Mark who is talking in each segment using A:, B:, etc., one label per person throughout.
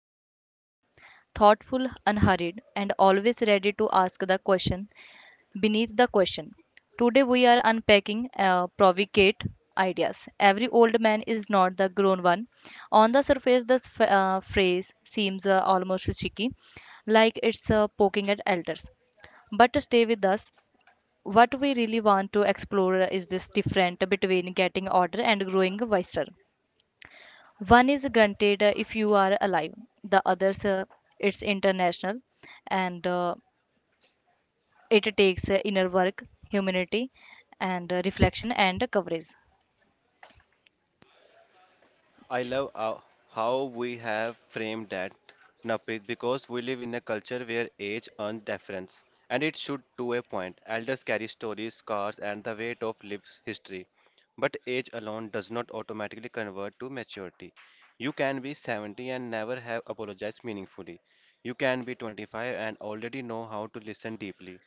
A: me is Vivek, thoughtful, unhurried, and always ready to ask the question beneath the question. Today we are unpacking provocate ideas. Every old man is not the grown one. On the surface, this phrase seems almost cheeky, like it's poking at elders. But stay with us, what we really want to explore is this difference between getting older and growing wiser. One is granted if you are alive, the others it's international, and it takes inner work, humanity, and reflection and coverage.
B: I love how we have framed that, Naprit, because we live in a culture where age earns deference, and it should to a point. Elders carry stories, scars, and the weight of lived history. But age alone does not automatically convert to maturity. You can be 70 and never have apologized meaningfully. You can be 25 and already know how to listen deeply.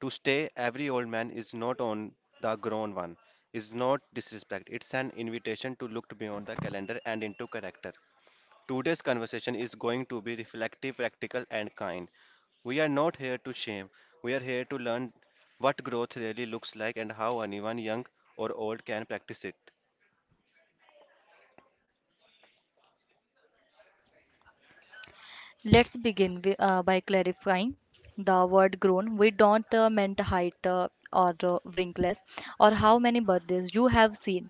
B: To stay, every old man is not on the grown one, is not disrespect. It's an invitation to look beyond the calendar and into character. Today's conversation is going to be reflective, practical, and kind. We are not here to shame, we are here to learn what growth really looks like and how anyone, young or old, can practice it.
A: Let's begin by clarifying the word grown. We don't meant height or wrinkles or how many birthdays you have seen.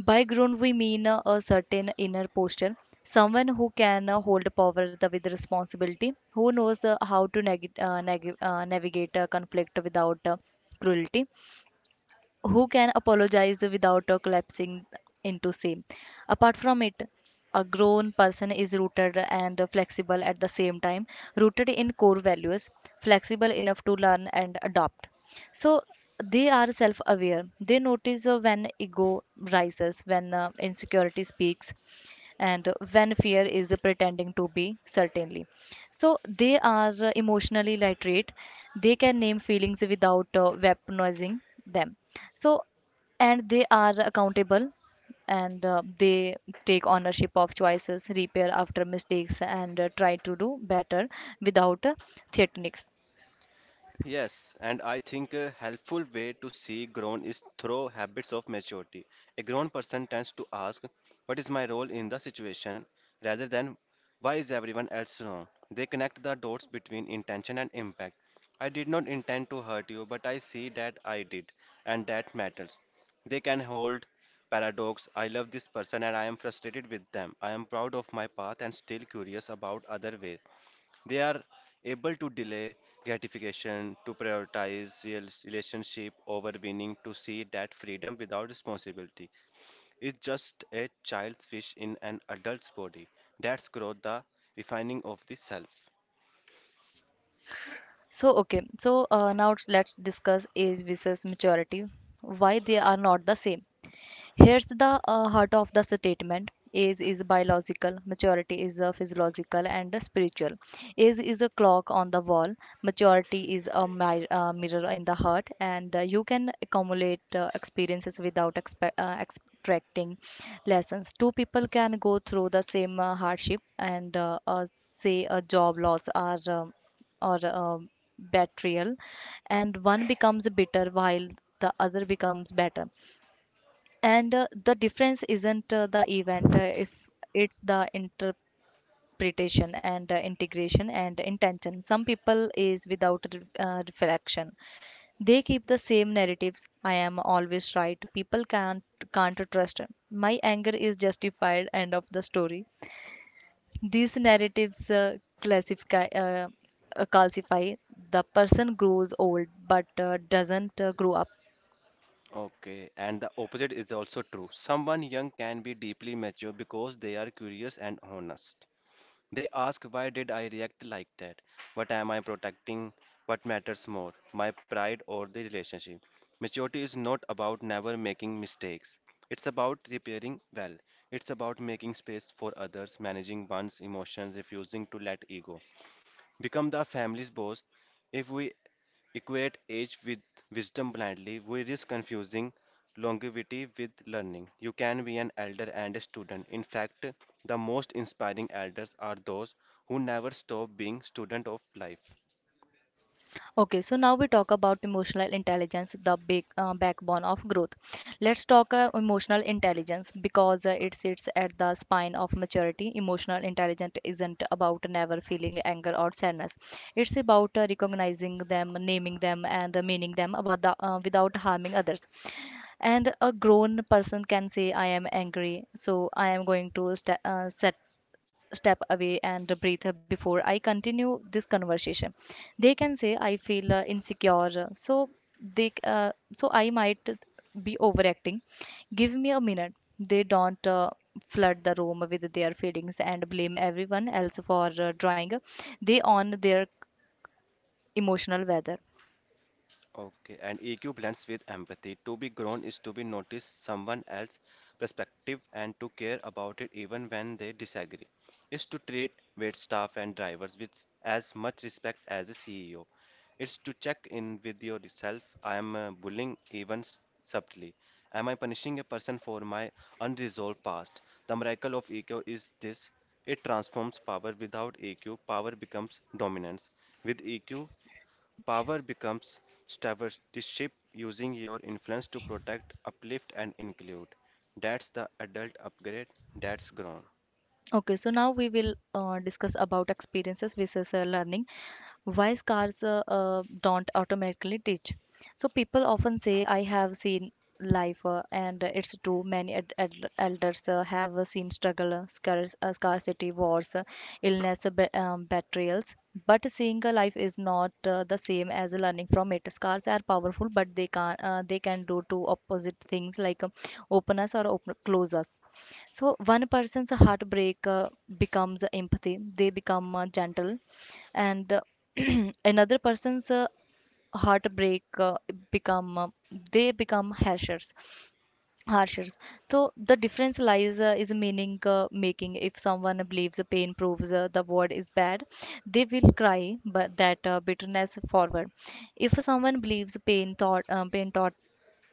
A: By grown, we mean a certain inner posture, someone who can hold power with responsibility, who knows how to navigate conflict without cruelty, who can apologize without collapsing into shame? Apart from it, a grown person is rooted and flexible at the same time, rooted in core values, flexible enough to learn and adopt. So they are self aware. They notice when ego rises, when insecurity speaks, and when fear is pretending to be certainly. So they are emotionally literate. They can name feelings without weaponizing them, so, and they are accountable, and they take ownership of choices, repair after mistakes, and try to do better without threatenings.
B: Yes, and I think a helpful way to see grown is through habits of maturity. A grown person tends to ask, what is my role in the situation? Rather than, why is everyone else wrong? They connect the dots between intention and impact. I did not intend to hurt you, but I see that I did, and that matters. They can hold paradox. I love this person and I am frustrated with them. I am proud of my path and still curious about other ways. They are able to delay gratification, to prioritize real relationship over winning, to see that freedom without responsibility is just a child's wish in an adult's body. That's growth, the refining of the self.
A: So, okay, so now let's discuss age versus maturity, why they are not the same. Here's the heart of the statement. Age is biological, maturity is physiological and spiritual. Age is a clock on the wall, maturity is a mirror in the heart, and you can accumulate experiences without extracting lessons. Two people can go through the same hardship and say a job loss or betrayal, and one becomes bitter while the other becomes better, and the difference isn't the event, if it's the interpretation and integration and intention. Some people is without reflection, they keep the same narratives: I am always right, people can't trust, my anger is justified, end of the story. These narratives calcify. The person grows old but doesn't grow up.
B: Okay, and the opposite is also true. Someone young can be deeply mature because they are curious and honest. They ask, why did I react like that? What am I protecting? What matters more, my pride or the relationship? Maturity is not about never making mistakes. It's about repairing well. It's about making space for others, managing one's emotions, refusing to let ego become the family's boss. If we equate age with wisdom blindly, we risk confusing longevity with learning. You can be an elder and a student. In fact, the most inspiring elders are those who never stop being student of life.
A: Okay, so now we talk about emotional intelligence, the big backbone of growth. Let's talk emotional intelligence because it sits at the spine of maturity. Emotional intelligence isn't about never feeling anger or sadness. It's about recognizing them, naming them, and meaning them without harming others. And a grown person can say, "I am angry, so I am going to step away and breathe before I continue this conversation." They can say, I feel insecure, so I might be overacting. Give me a minute. They don't flood the room with their feelings and blame everyone else for drawing. They on their emotional weather.
B: Okay, and EQ blends with empathy. To be grown is to be noticed someone else's perspective and to care about it even when they disagree. It's to treat wait staff and drivers with as much respect as a CEO. It's to check in with yourself. I am bullying even subtly. Am I punishing a person for my unresolved past? The miracle of EQ is this. It transforms power. Without EQ, power becomes dominance. With EQ, power becomes stewardship, using your influence to protect, uplift, and include. That's the adult upgrade, that's grown.
A: Okay, so now we will discuss about experiences versus learning, why scars don't automatically teach. So people often say, I have seen life, and it's true. Many elders have seen struggle, scarcity, wars, illness, betrayals. But seeing a life is not the same as learning from it. Scars are powerful, but they can do two opposite things, like open us or close us. So one person's heartbreak becomes empathy. They become gentle, and another person's heartbreak, become they become hashers harshers. So the difference lies is meaning making. If someone believes the pain proves the word is bad, they will cry, but that bitterness forward. If someone believes pain taught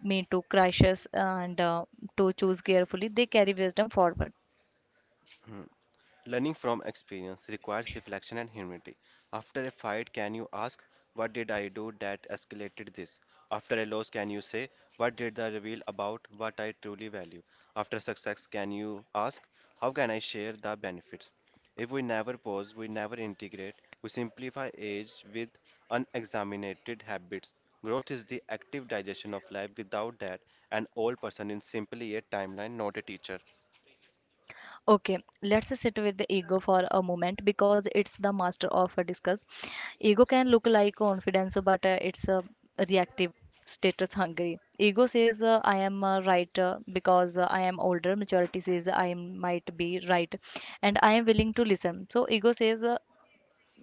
A: me to crashes and to choose carefully, they carry wisdom forward.
B: Hmm. Learning from experience requires reflection and humility. After a fight, can you ask, what did I do that escalated this? After a loss, can you say, what did the reveal about what I truly value? After success, can you ask, how can I share the benefits? If we never pause, we never integrate, we simplify age with unexamined habits. Growth is the active digestion of life. Without that, an old person is simply a timeline, not a teacher.
A: Okay, let's sit with the ego for a moment because it's the master of a discuss. Ego can look like confidence, but it's a reactive, status hungry. Ego says, I am right because I am older. Maturity says, I might be right and I am willing to listen. So, ego says, uh,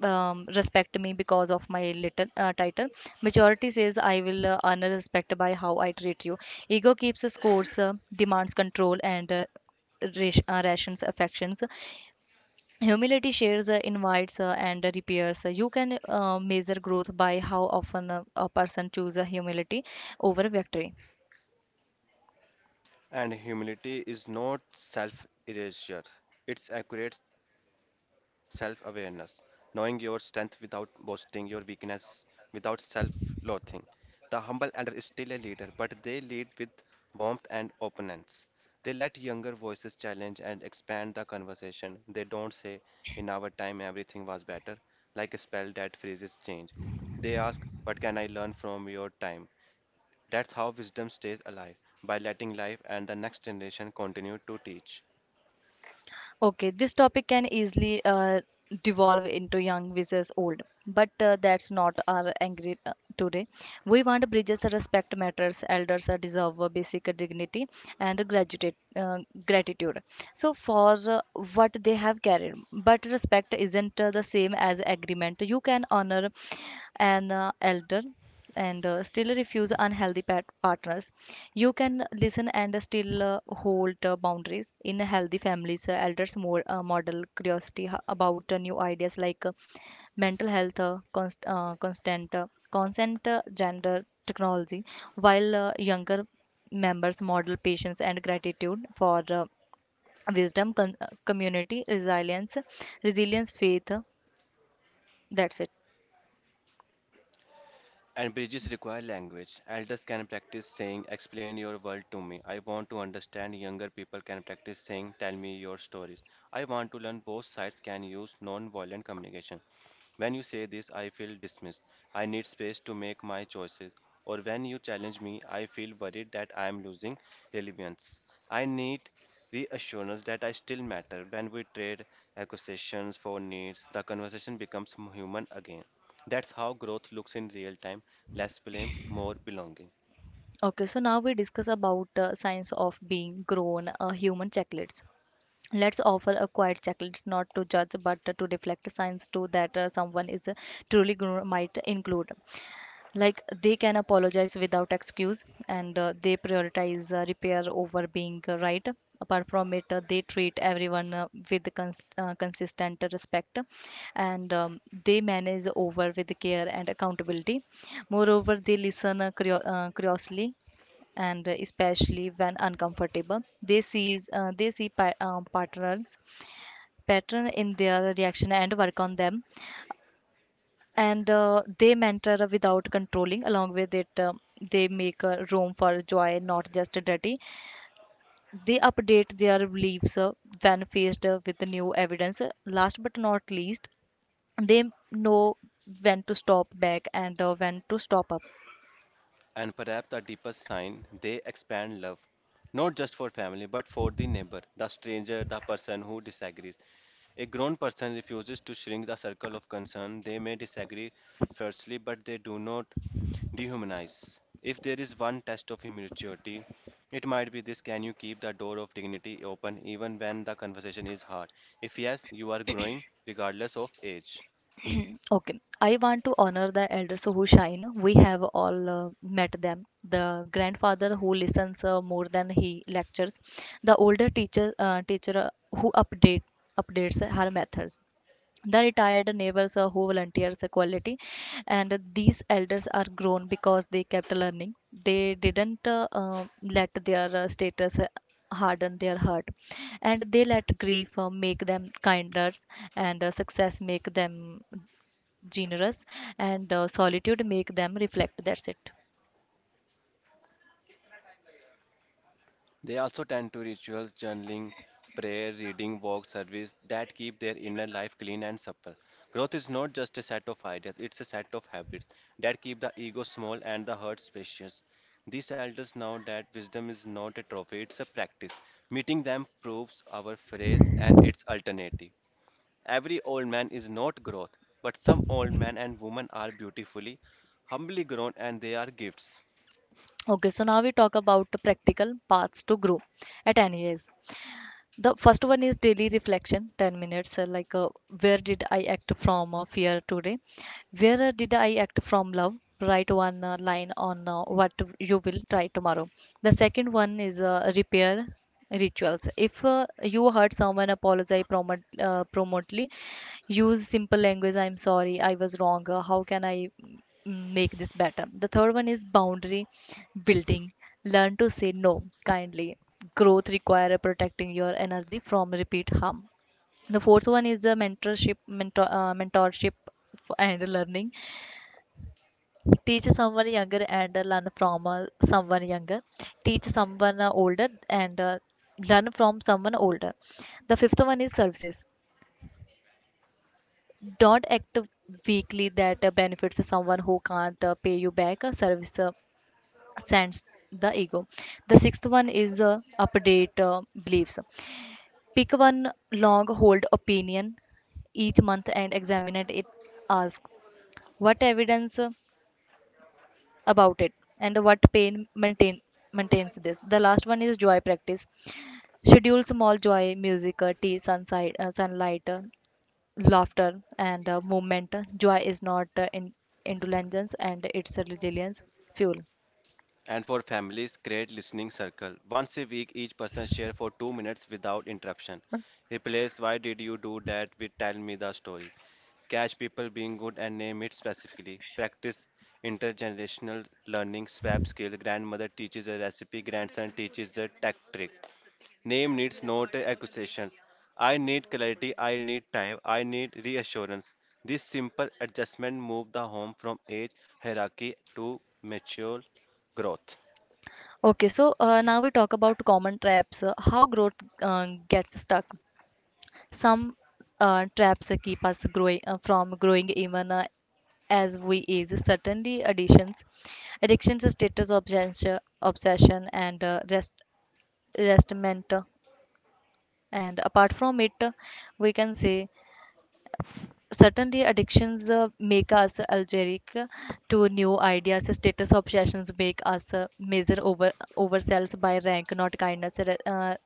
A: um, respect me because of my little, title. Majority says, I will earn a respect by how I treat you. Ego keeps scores, demands control, and rations affections. Humility shares, invites, and repairs. You can measure growth by how often a person chooses humility over victory.
B: And humility is not self erasure, it's accurate self awareness, knowing your strength without boasting, your weakness without self loathing. The humble elder is still a leader, but they lead with warmth and openness. They let younger voices challenge and expand the conversation. They don't say, in our time, everything was better, like a spell that freezes change. They ask, what can I learn from your time? That's how wisdom stays alive, by letting life and the next generation continue to teach.
A: Okay, this topic can easily devolve into young versus old, but that's not our angry today. We want bridges, respect matters, elders deserve basic dignity and gratitude. Gratitude. So for what they have carried, but respect isn't the same as agreement. You can honor an elder and still refuse unhealthy partners, you can listen and still hold boundaries. In healthy families, elders more model curiosity about new ideas like mental health, const- constant consent, gender, technology, while younger members model patience and gratitude for wisdom, community, resilience, faith, that's it.
B: And bridges require language. Elders can practice saying, explain your world to me. I want to understand. Younger people can practice saying, tell me your stories. I want to learn. Both sides can use non violent communication. When you say this, I feel dismissed. I need space to make my choices. Or when you challenge me, I feel worried that I am losing relevance. I need reassurance that I still matter. When we trade accusations for needs, the conversation becomes human again. That's how growth looks in real time, less blame, more belonging.
A: Okay, so now we discuss about science of being grown, human chocolates. Let's offer a quiet chocolates not to judge but to reflect science too that someone is truly grown might include. Like they can apologize without excuse, and they prioritize repair over being right. Apart from it, they treat everyone with consistent respect, and they manage over with care and accountability. Moreover, they listen curiously and especially when uncomfortable. They see pattern in their reaction and work on them, and they mentor without controlling. Along with it, they make a room for joy not just duty. They update their beliefs when faced with the new evidence. Last but not least, they know when to stop back and when to stop up.
B: And perhaps the deepest sign, they expand love, not just for family, but for the neighbor, the stranger, the person who disagrees. A grown person refuses to shrink the circle of concern. They may disagree fiercely, but they do not dehumanize. If there is one test of immaturity, it might be this, can you keep the door of dignity open even when the conversation is hard? If yes, you are growing regardless of age.
A: Okay, I want to honor the elders who shine. We have all met them. The grandfather who listens more than he lectures, the older teacher teacher who updates her methods, the retired neighbors who volunteers a quality, and these elders are grown because they kept learning. They didn't let their status harden their heart, and they let grief make them kinder, and success make them generous, and solitude make them reflect. That's it.
B: They also tend to rituals, journaling, prayer, reading, walk, service that keep their inner life clean and supple. Growth is not just a set of ideas, it's a set of habits that keep the ego small and the heart spacious. These elders know that wisdom is not a trophy, it's a practice. Meeting them proves our phrase and its alternative. Every old man is not growth, but some old men and women are beautifully, humbly grown, and they are gifts.
A: Okay, so now we talk about the practical paths to grow at any age. The first one is daily reflection, 10 minutes, like where did I act from fear today? Where did I act from love? Write one line on what you will try tomorrow. The second one is repair rituals. If you hurt someone, apologize promo promptly. Use simple language. I'm sorry, I was wrong. How can I make this better? The third one is boundary building. Learn to say no kindly. Growth require protecting your energy from repeat harm. The fourth one is the mentorship, mentor, mentorship f- and learning. Teach someone younger and learn from someone younger. Teach someone older and learn from someone older. The fifth one is services. Don't act weakly that benefits someone who can't pay you back. A service sends the ego. The sixth one is update beliefs. Pick one long hold opinion each month and examine it. Ask what evidence about it and what pain maintains this. The last one is joy practice. Schedule small joy, music, tea, sunlight, laughter, and movement. Joy is not indulgence, and it's a resilience fuel.
B: And for families, create listening circle. Once a week, each person share for 2 minutes without interruption. Replace "Why did you do that?" with "Tell me the story." Catch people being good and name it specifically. Practice intergenerational learning. Swap skill. Grandmother teaches a recipe. Grandson teaches a tech trick. Name needs not accusations. I need clarity. I need time. I need reassurance. This simple adjustment move the home from age hierarchy to mature growth.
A: Okay, so now we talk about common traps, how growth gets stuck. Some traps keep us growing from growing even as we age. Certainly, addictions, status obsession, and restment. And apart from it, we can say certainly addictions make us allergic to new ideas. Status obsessions make us measure over ourselves by rank, not kindness.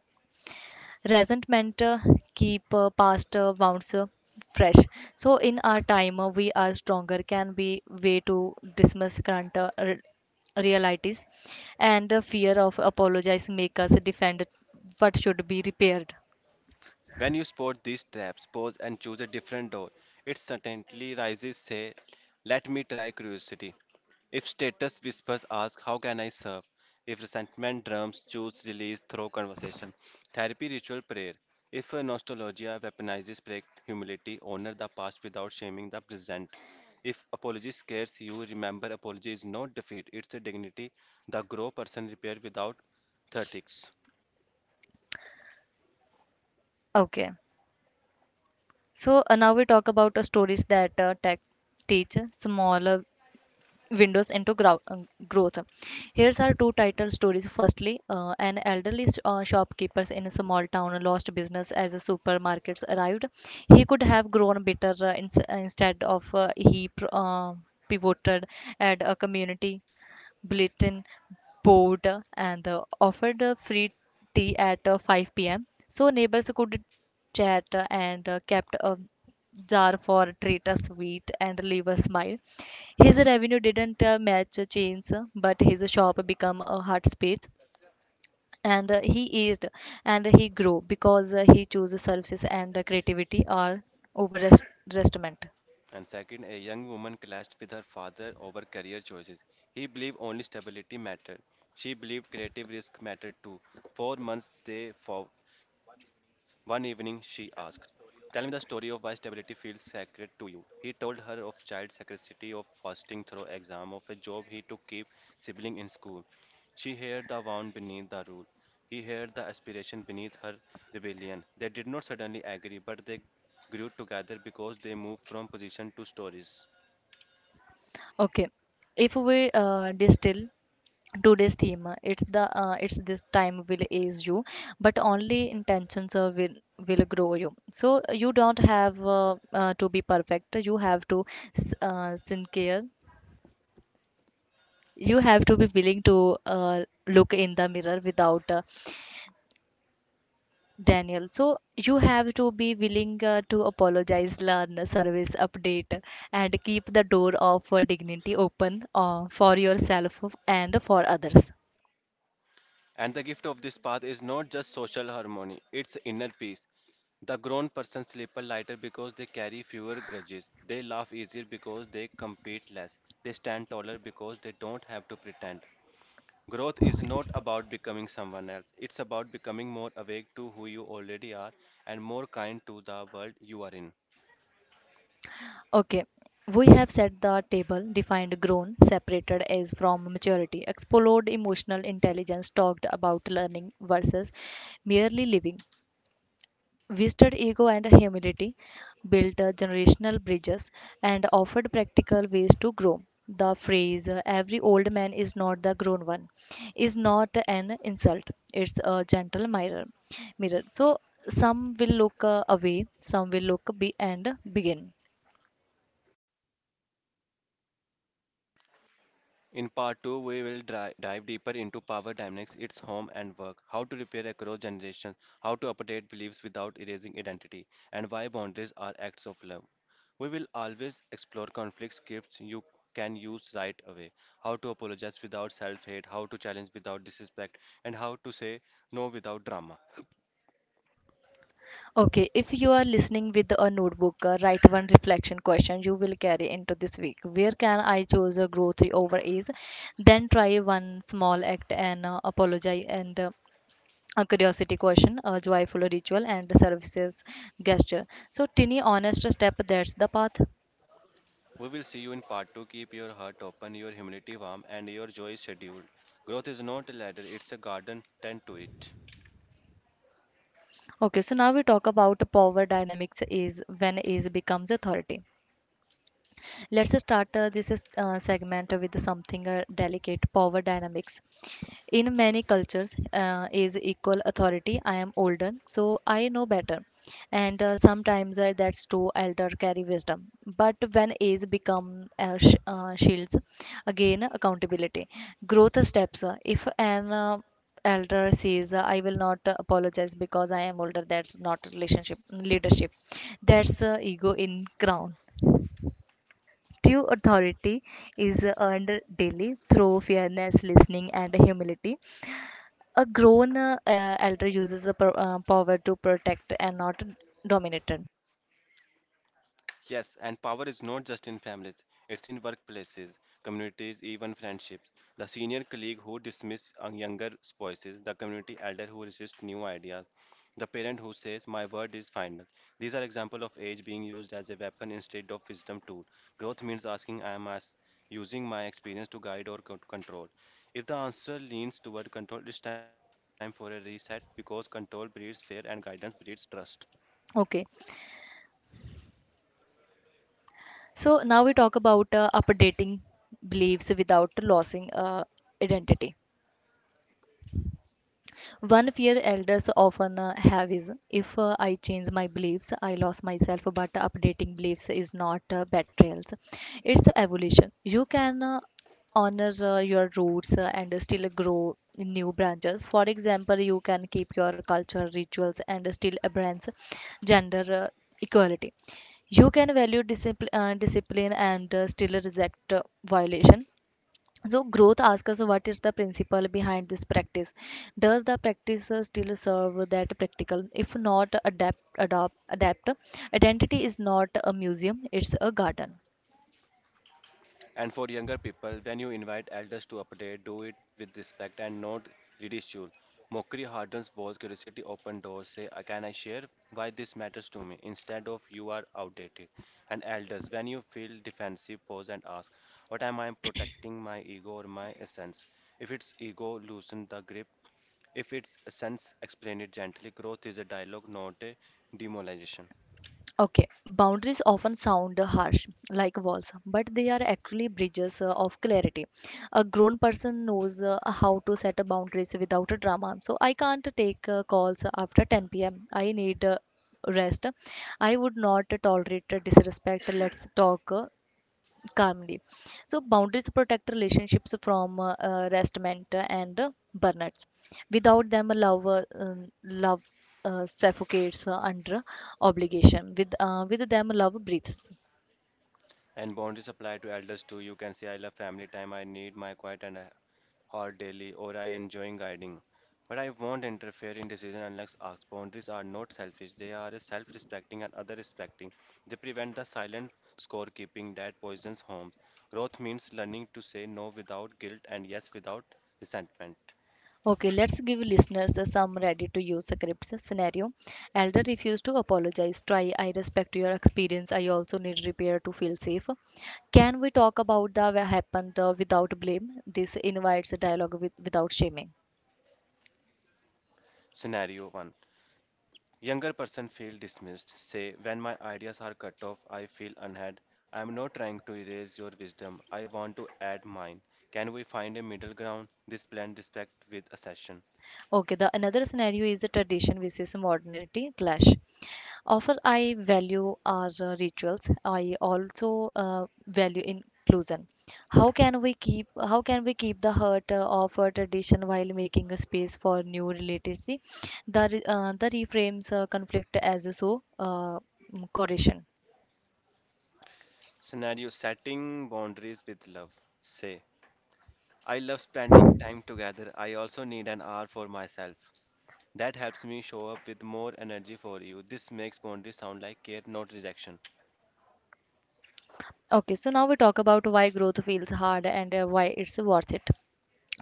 A: Resentment keep past wounds fresh so in our time we are stronger can be way to dismiss current realities, and the fear of apologize make us defend what should be repaired.
B: When you spot these traps, pause and choose a different door. It certainly rises, say, let me try curiosity. If status whispers, ask, how can I serve? If resentment drums, choose release through conversation. Therapy ritual prayer. If a nostalgia weaponizes break humility, honor the past without shaming the present. If apology scares you, remember, apology is not defeat, it's a dignity the grow person repaired without 30.
A: Okay, so now we talk about stories that tech teach small windows into growth. Here's our two title stories. Firstly, an elderly shopkeeper in a small town lost business as the supermarkets arrived. He could have grown bitter instead of he pivoted at a community bulletin board and offered free tea at 5 p.m. So neighbors could chat and kept a jar for treat us sweet and leave a smile. His revenue didn't match chains, but his shop became a hot space. And he eased and he grew because he chose services and creativity are over restaurant.
B: And second, a young woman clashed with her father over career choices. He believed only stability mattered. She believed creative risk mattered too. For months they fought. One evening she asked, tell me the story of why stability feels sacred to you. He told her of child sacredity, of fasting through exam, of a job he took keep sibling in school. She heard the wound beneath the rule. He heard the aspiration beneath her rebellion. They did not suddenly agree, but they grew together because they moved from position to stories.
A: Okay, if we distill today's theme, it's this time will age you, but only intentions will grow you. So you don't have to be perfect. You have to sincere. You have to be willing to look in the mirror without Daniel. So you have to be willing to apologize, learn, service, update, and keep the door of dignity open for yourself and for others.
B: And the gift of this path is not just social harmony, it's inner peace. The grown person sleep lighter because they carry fewer grudges. They laugh easier because they compete less. They stand taller because they don't have to pretend. Growth is not about becoming someone else. It's about becoming more awake to who you already are and more kind to the world you are in.
A: Okay, we have set the table, defined grown, separated as from maturity, explored emotional intelligence, talked about learning versus merely living, visited ego and humility, built generational bridges, and offered practical ways to grow. The phrase every old man is not the grown one is not an insult, it's a gentle mirror. So, some will look away, some will look and begin.
B: In part 2, we will dive deeper into power dynamics, its home and work, how to repair across generations, how to update beliefs without erasing identity, and why boundaries are acts of love. We will always explore conflict scripts you can use right away, how to apologize without self hate, how to challenge without disrespect, and how to say no without drama.
A: Okay, if you are listening with a notebook, write one reflection question you will carry into this week. Where can I choose a growth over ease? Then try one small act and apologize and a curiosity question, a joyful ritual, and services gesture. So, tiny, honest step that's the path.
B: We will see you in part 2. Keep your heart open, your humility warm, and your joy scheduled. Growth is not a ladder, it's a garden. Tend to it.
A: Okay, so now we talk about power dynamics is when ease becomes authority. Let's start this is, segment with something delicate power dynamics. In many cultures, is equal authority. I am older, so I know better, and sometimes that's true. Elder carry wisdom, but when age become shields, again accountability. Growth steps. If an elder says I will not apologize because I am older, that's not relationship leadership, that's ego in crown. True authority is earned daily through fairness, listening, and humility. A grown elder uses a power to protect and not dominated.
B: Yes, and power is not just in families, it's in workplaces, communities, even friendships. The senior colleague who dismisses a younger voices, the community elder who resists new ideas, the parent who says, my word is final. These are examples of age being used as a weapon instead of wisdom tool. Growth means asking, I am as using my experience to guide or control? If the answer leans toward control, it's time for a reset because control breeds fear and guidance breeds trust.
A: Okay, so now we talk about updating beliefs without losing identity. One fear elders often have is if I change my beliefs, I lost myself, but updating beliefs is not betrayals. It's evolution. You can honor your roots and still grow in new branches. For example, you can keep your culture, rituals, and still embrace gender equality. You can value discipline and still reject violation. So growth asks us what is the principle behind this practice? Does the practice still serve that practical? If not, adapt, adopt, adapt. Identity is not a museum; it's a garden.
B: And for younger people, when you invite elders to update, do it with respect and not ridicule. Mockery hardens walls, curiosity opens doors. Say, "can I share why this matters to me?" Instead of, you are outdated. And elders, when you feel defensive, pause and ask, what am I protecting, my ego or my essence? If it's ego, loosen the grip. If it's essence, explain it gently. Growth is a dialogue, not a demoralization.
A: Okay, boundaries often sound harsh, like walls, but they are actually bridges of clarity. A grown person knows how to set a boundaries without a drama. So I can't take calls after 10 p.m. I need rest. I would not tolerate disrespect. Let's talk calmly. So boundaries protect relationships from restment and burnouts. Without them, love suffocates under obligation. With them, love breathes.
B: And boundaries apply to elders too. You can say, I love family time, I need my quiet and a hot daily, or I enjoy guiding. But I won't interfere in decision unless asked. Boundaries are not selfish, they are self respecting and other respecting. They prevent the silent scorekeeping that poisons homes. Growth means learning to say no without guilt and yes without resentment.
A: Okay, let's give listeners some ready to use scripts scenario. Elder refuse to apologize. Try. I respect your experience. I also need repair to feel safe. Can we talk about the what happened without blame? This invites a dialogue with, without shaming.
B: Scenario 1. Younger person feel dismissed. Say, when my ideas are cut off, I feel unheard. I am not trying to erase your wisdom. I want to add mine. Can we find a middle ground? This blend respect with assertion.
A: Okay, the another scenario is the tradition versus modernity clash. Often I value our rituals. I also value inclusion. How can we keep the heart of our tradition while making a space for new literacy? The reframes conflict as a so correlation.
B: Scenario setting boundaries with love. Say, I love spending time together. I also need an hour for myself. That helps me show up with more energy for you. This makes boundaries sound like care, not rejection.
A: Okay, so now we talk about why growth feels hard and why it's worth it.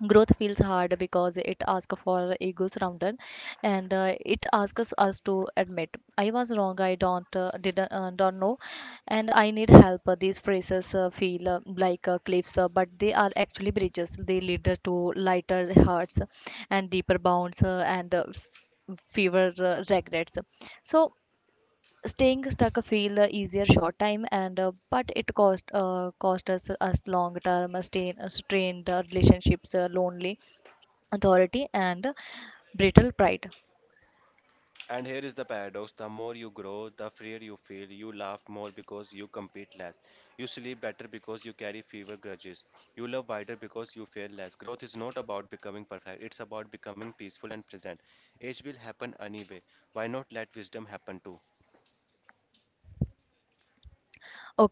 A: Growth feels hard because it asks for ego surrender, and it asks us to admit I was wrong. I don't know, and I need help. These phrases feel like cliffs, but they are actually bridges. They lead to lighter hearts and deeper bounds and fewer regrets. So staying stuck feel easier short time and but it cost us us long term strained relationships, lonely authority, and brittle pride.
B: And here is the paradox the more you grow, the freer you feel. You laugh more because you compete less. You sleep better because you carry fewer grudges. You love wider because you fear less. Growth is not about becoming perfect, it's about becoming peaceful and present. Age will happen anyway. Why not let wisdom happen too?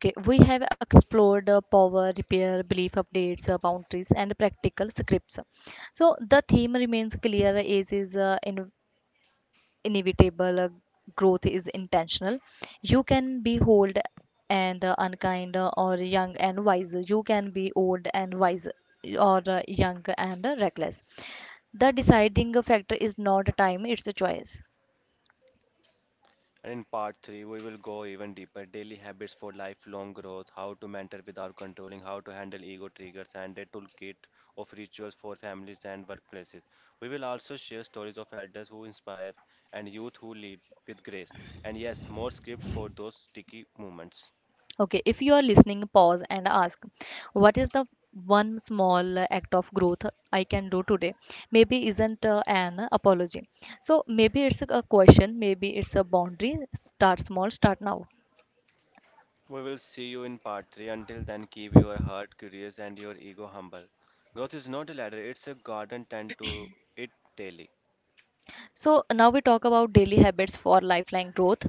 A: Okay, we have explored power repair belief updates, boundaries, and practical scripts, so the theme remains clear as is in inevitable. Growth is intentional. You can be old and unkind, or young and wise. You can be old and wise, or young and reckless. The deciding factor is not time, it's a choice.
B: And in part 3, we will go even deeper daily habits for lifelong growth, how to mentor without controlling, how to handle ego triggers, and a toolkit of rituals for families and workplaces. We will also share stories of elders who inspire and youth who lead with grace. And yes, more scripts for those sticky moments.
A: Okay, if you are listening, pause and ask, what is the one small act of growth I can do today? Maybe isn't an apology. So maybe it's a question, maybe it's a boundary. Start small, start now.
B: We will see you in part 3. Until then, keep your heart curious and your ego humble. Growth is not a ladder, it's a garden tend to it daily.
A: So now we talk about daily habits for lifeline growth.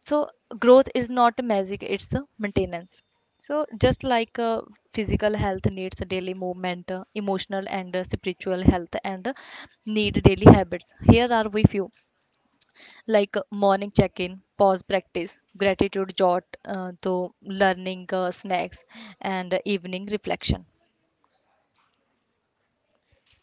A: So growth is not a magic, it's a maintenance. So just like physical health needs a daily movement, emotional and spiritual health and need daily habits. Here are we few like morning check-in, pause practice, gratitude jot, to learning snacks and evening reflection.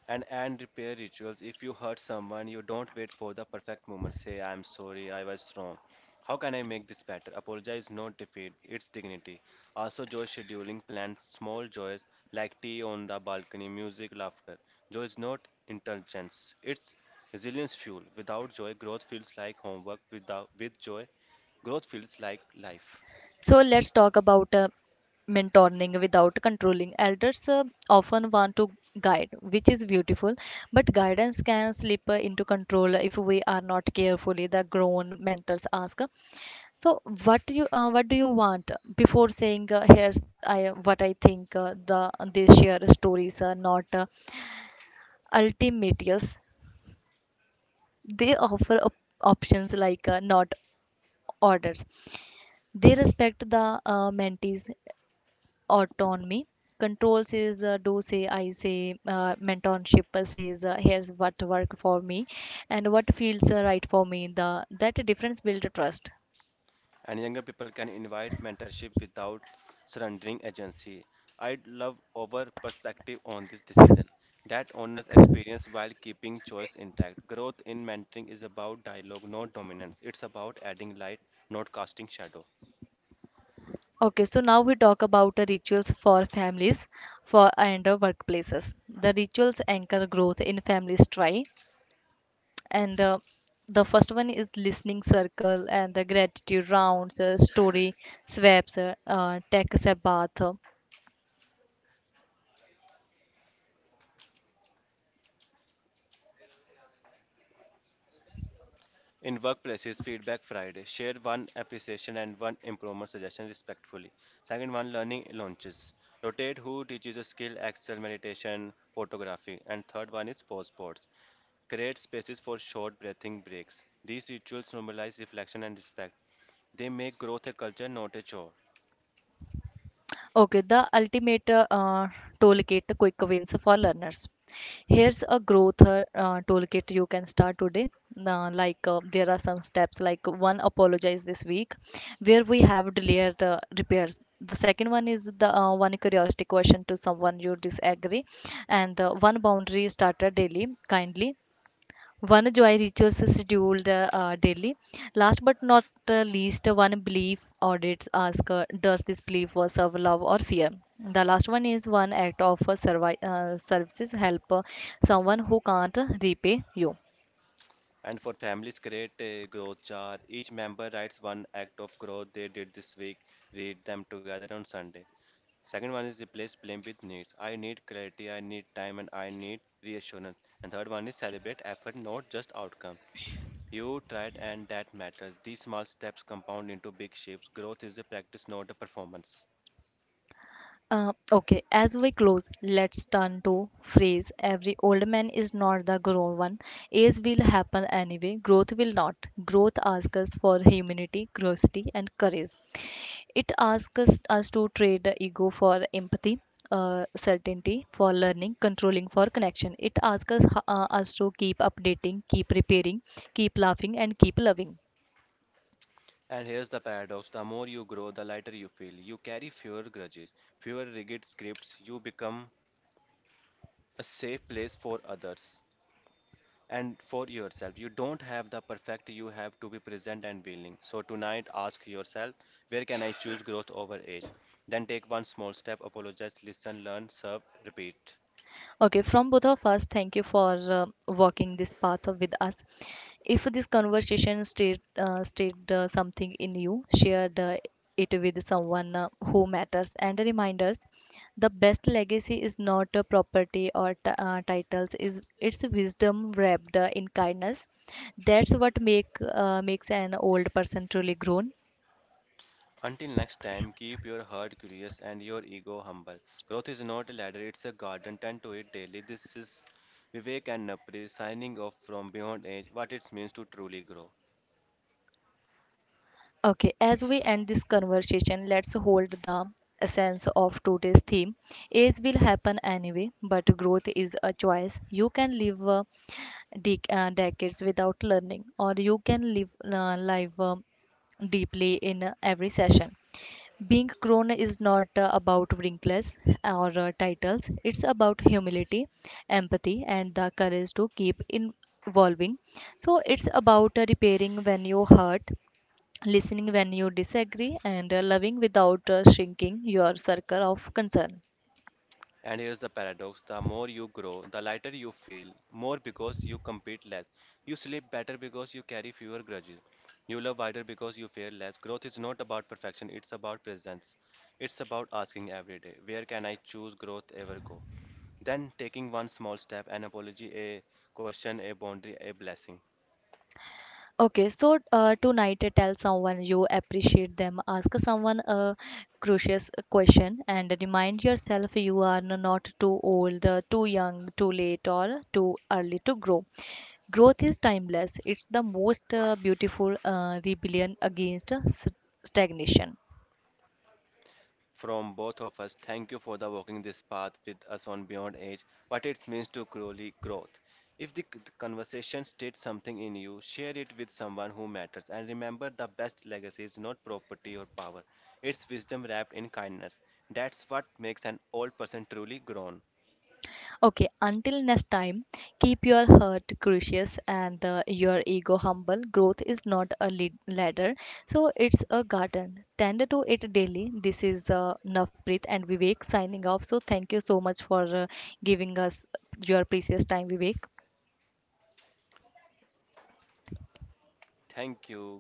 B: And repair rituals. If you hurt someone, you don't wait for the perfect moment. Say, I'm sorry, I was wrong. How can I make this better? Apologize, not defeat. It's dignity. Also, joy scheduling plans small joys like tea on the balcony, music, laughter. Joy is not indulgence. It's resilience fuel. Without joy, growth feels like homework. Without with joy, growth feels like life.
A: So let's talk about mentoring without controlling. Elders often want to guide, which is beautiful, but guidance can slip into control if we are not carefully. The grown mentors ask, "So what do you want?" Before saying, "Here's I what I think," they share stories, not ultimate yes. They offer options like not orders. They respect the mentees autonomy. Control says, do say, I say, mentorship says, here's what work for me and what feels right for me. The That difference builds trust.
B: And younger people can invite mentorship without surrendering agency. I'd love our perspective on this decision that honors experience while keeping choice intact. Growth in mentoring is about dialogue, not dominance. It's about adding light, not casting shadow.
A: Okay, so now we talk about the rituals for families for and workplaces. The rituals anchor growth in families try and the first one is listening circle and the gratitude rounds, story swaps, tech sabbath.
B: In workplaces, Feedback Friday. Share one appreciation and one improvement suggestion respectfully. Second one, learning launches. Rotate who teaches a skill, Excel, meditation, photography. And third one is post boards. Create spaces for short breathing breaks. These rituals normalize reflection and respect. They make growth a culture, not a chore.
A: Okay, the ultimate tool kit quick wins for learners. Here's a growth toolkit you can start today. Like there are some steps like one apologize this week, where we have delayed repairs. The second one is the one curiosity question to someone you disagree, and one boundary starter daily kindly, one joy rituals scheduled daily. Last but not least, one belief audits ask, does this belief was of love or fear? The last one is one act of services help someone who can't repay you.
B: And for families, create a growth jar. Each member writes one act of growth they did this week. Read them together on Sunday. Second one is replace blame with needs. I need clarity, I need time, and I need reassurance. And third one is celebrate effort, not just outcome. You tried, and that matters. These small steps compound into big shifts. Growth is a practice, not a performance.
A: Okay, as we close, let's turn to phrase every old man is not the grown one. Age will happen anyway, growth will not. Growth asks us for humanity, curiosity, and courage. It asks us, us to trade the ego for empathy. Certainty for learning, controlling for connection. It asks us, us to keep updating, keep repairing, keep laughing, and keep loving.
B: And here's the paradox the more you grow, the lighter you feel. You carry fewer grudges, fewer rigid scripts, you become a safe place for others and for yourself. You don't have the perfect, you have to be present and willing. So tonight, ask yourself where can I choose growth over age? Then take one small step, apologize, listen, learn, serve, repeat.
A: Okay, from both of us, thank you for walking this path with us. If this conversation stayed something in you, share it with someone who matters. And reminders, the best legacy is not a property or titles; is it's wisdom wrapped in kindness. That's what makes an old person truly grown.
B: Until next time, keep your heart curious and your ego humble. Growth is not a ladder, it's a garden. Tend to it daily. This is Vivek and Napri signing off from Beyond Age What It Means to Truly Grow.
A: Okay, as we end this conversation, let's hold the essence of today's theme. Age will happen anyway, but growth is a choice. You can live decades without learning, or you can live life deeply in every session. Being grown is not about wrinkles or titles, it's about humility, empathy, and the courage to keep in evolving. So, it's about repairing when you hurt, listening when you disagree, and loving without shrinking your circle of concern.
B: And here's the paradox the more you grow, the lighter you feel, more because you compete less. You sleep better because you carry fewer grudges. You love wider because you fear less. Growth is not about perfection, it's about presence. It's about asking every day, where can I choose growth ever go? Then taking one small step, an apology, a question, a boundary, a blessing.
A: Okay, so tonight tell someone you appreciate them, ask someone a crucial question, and remind yourself you are not too old, too young, too late, or too early to grow. Growth is timeless, it's the most beautiful rebellion against stagnation.
B: From both of us, thank you for the walking this path with us on Beyond Age, what it means to truly growth. If the c- conversation stirred something in you, share it with someone who matters. And remember, the best legacy is not property or power; it's wisdom wrapped in kindness. That's what makes an old person truly grown.
A: Okay, until next time, keep your heart gracious and your ego humble. Growth is not a ladder, so it's a garden. Tend to it daily. This is Navpreet and Vivek signing off. So, thank you so much for giving us your precious time, Vivek.
B: Thank you.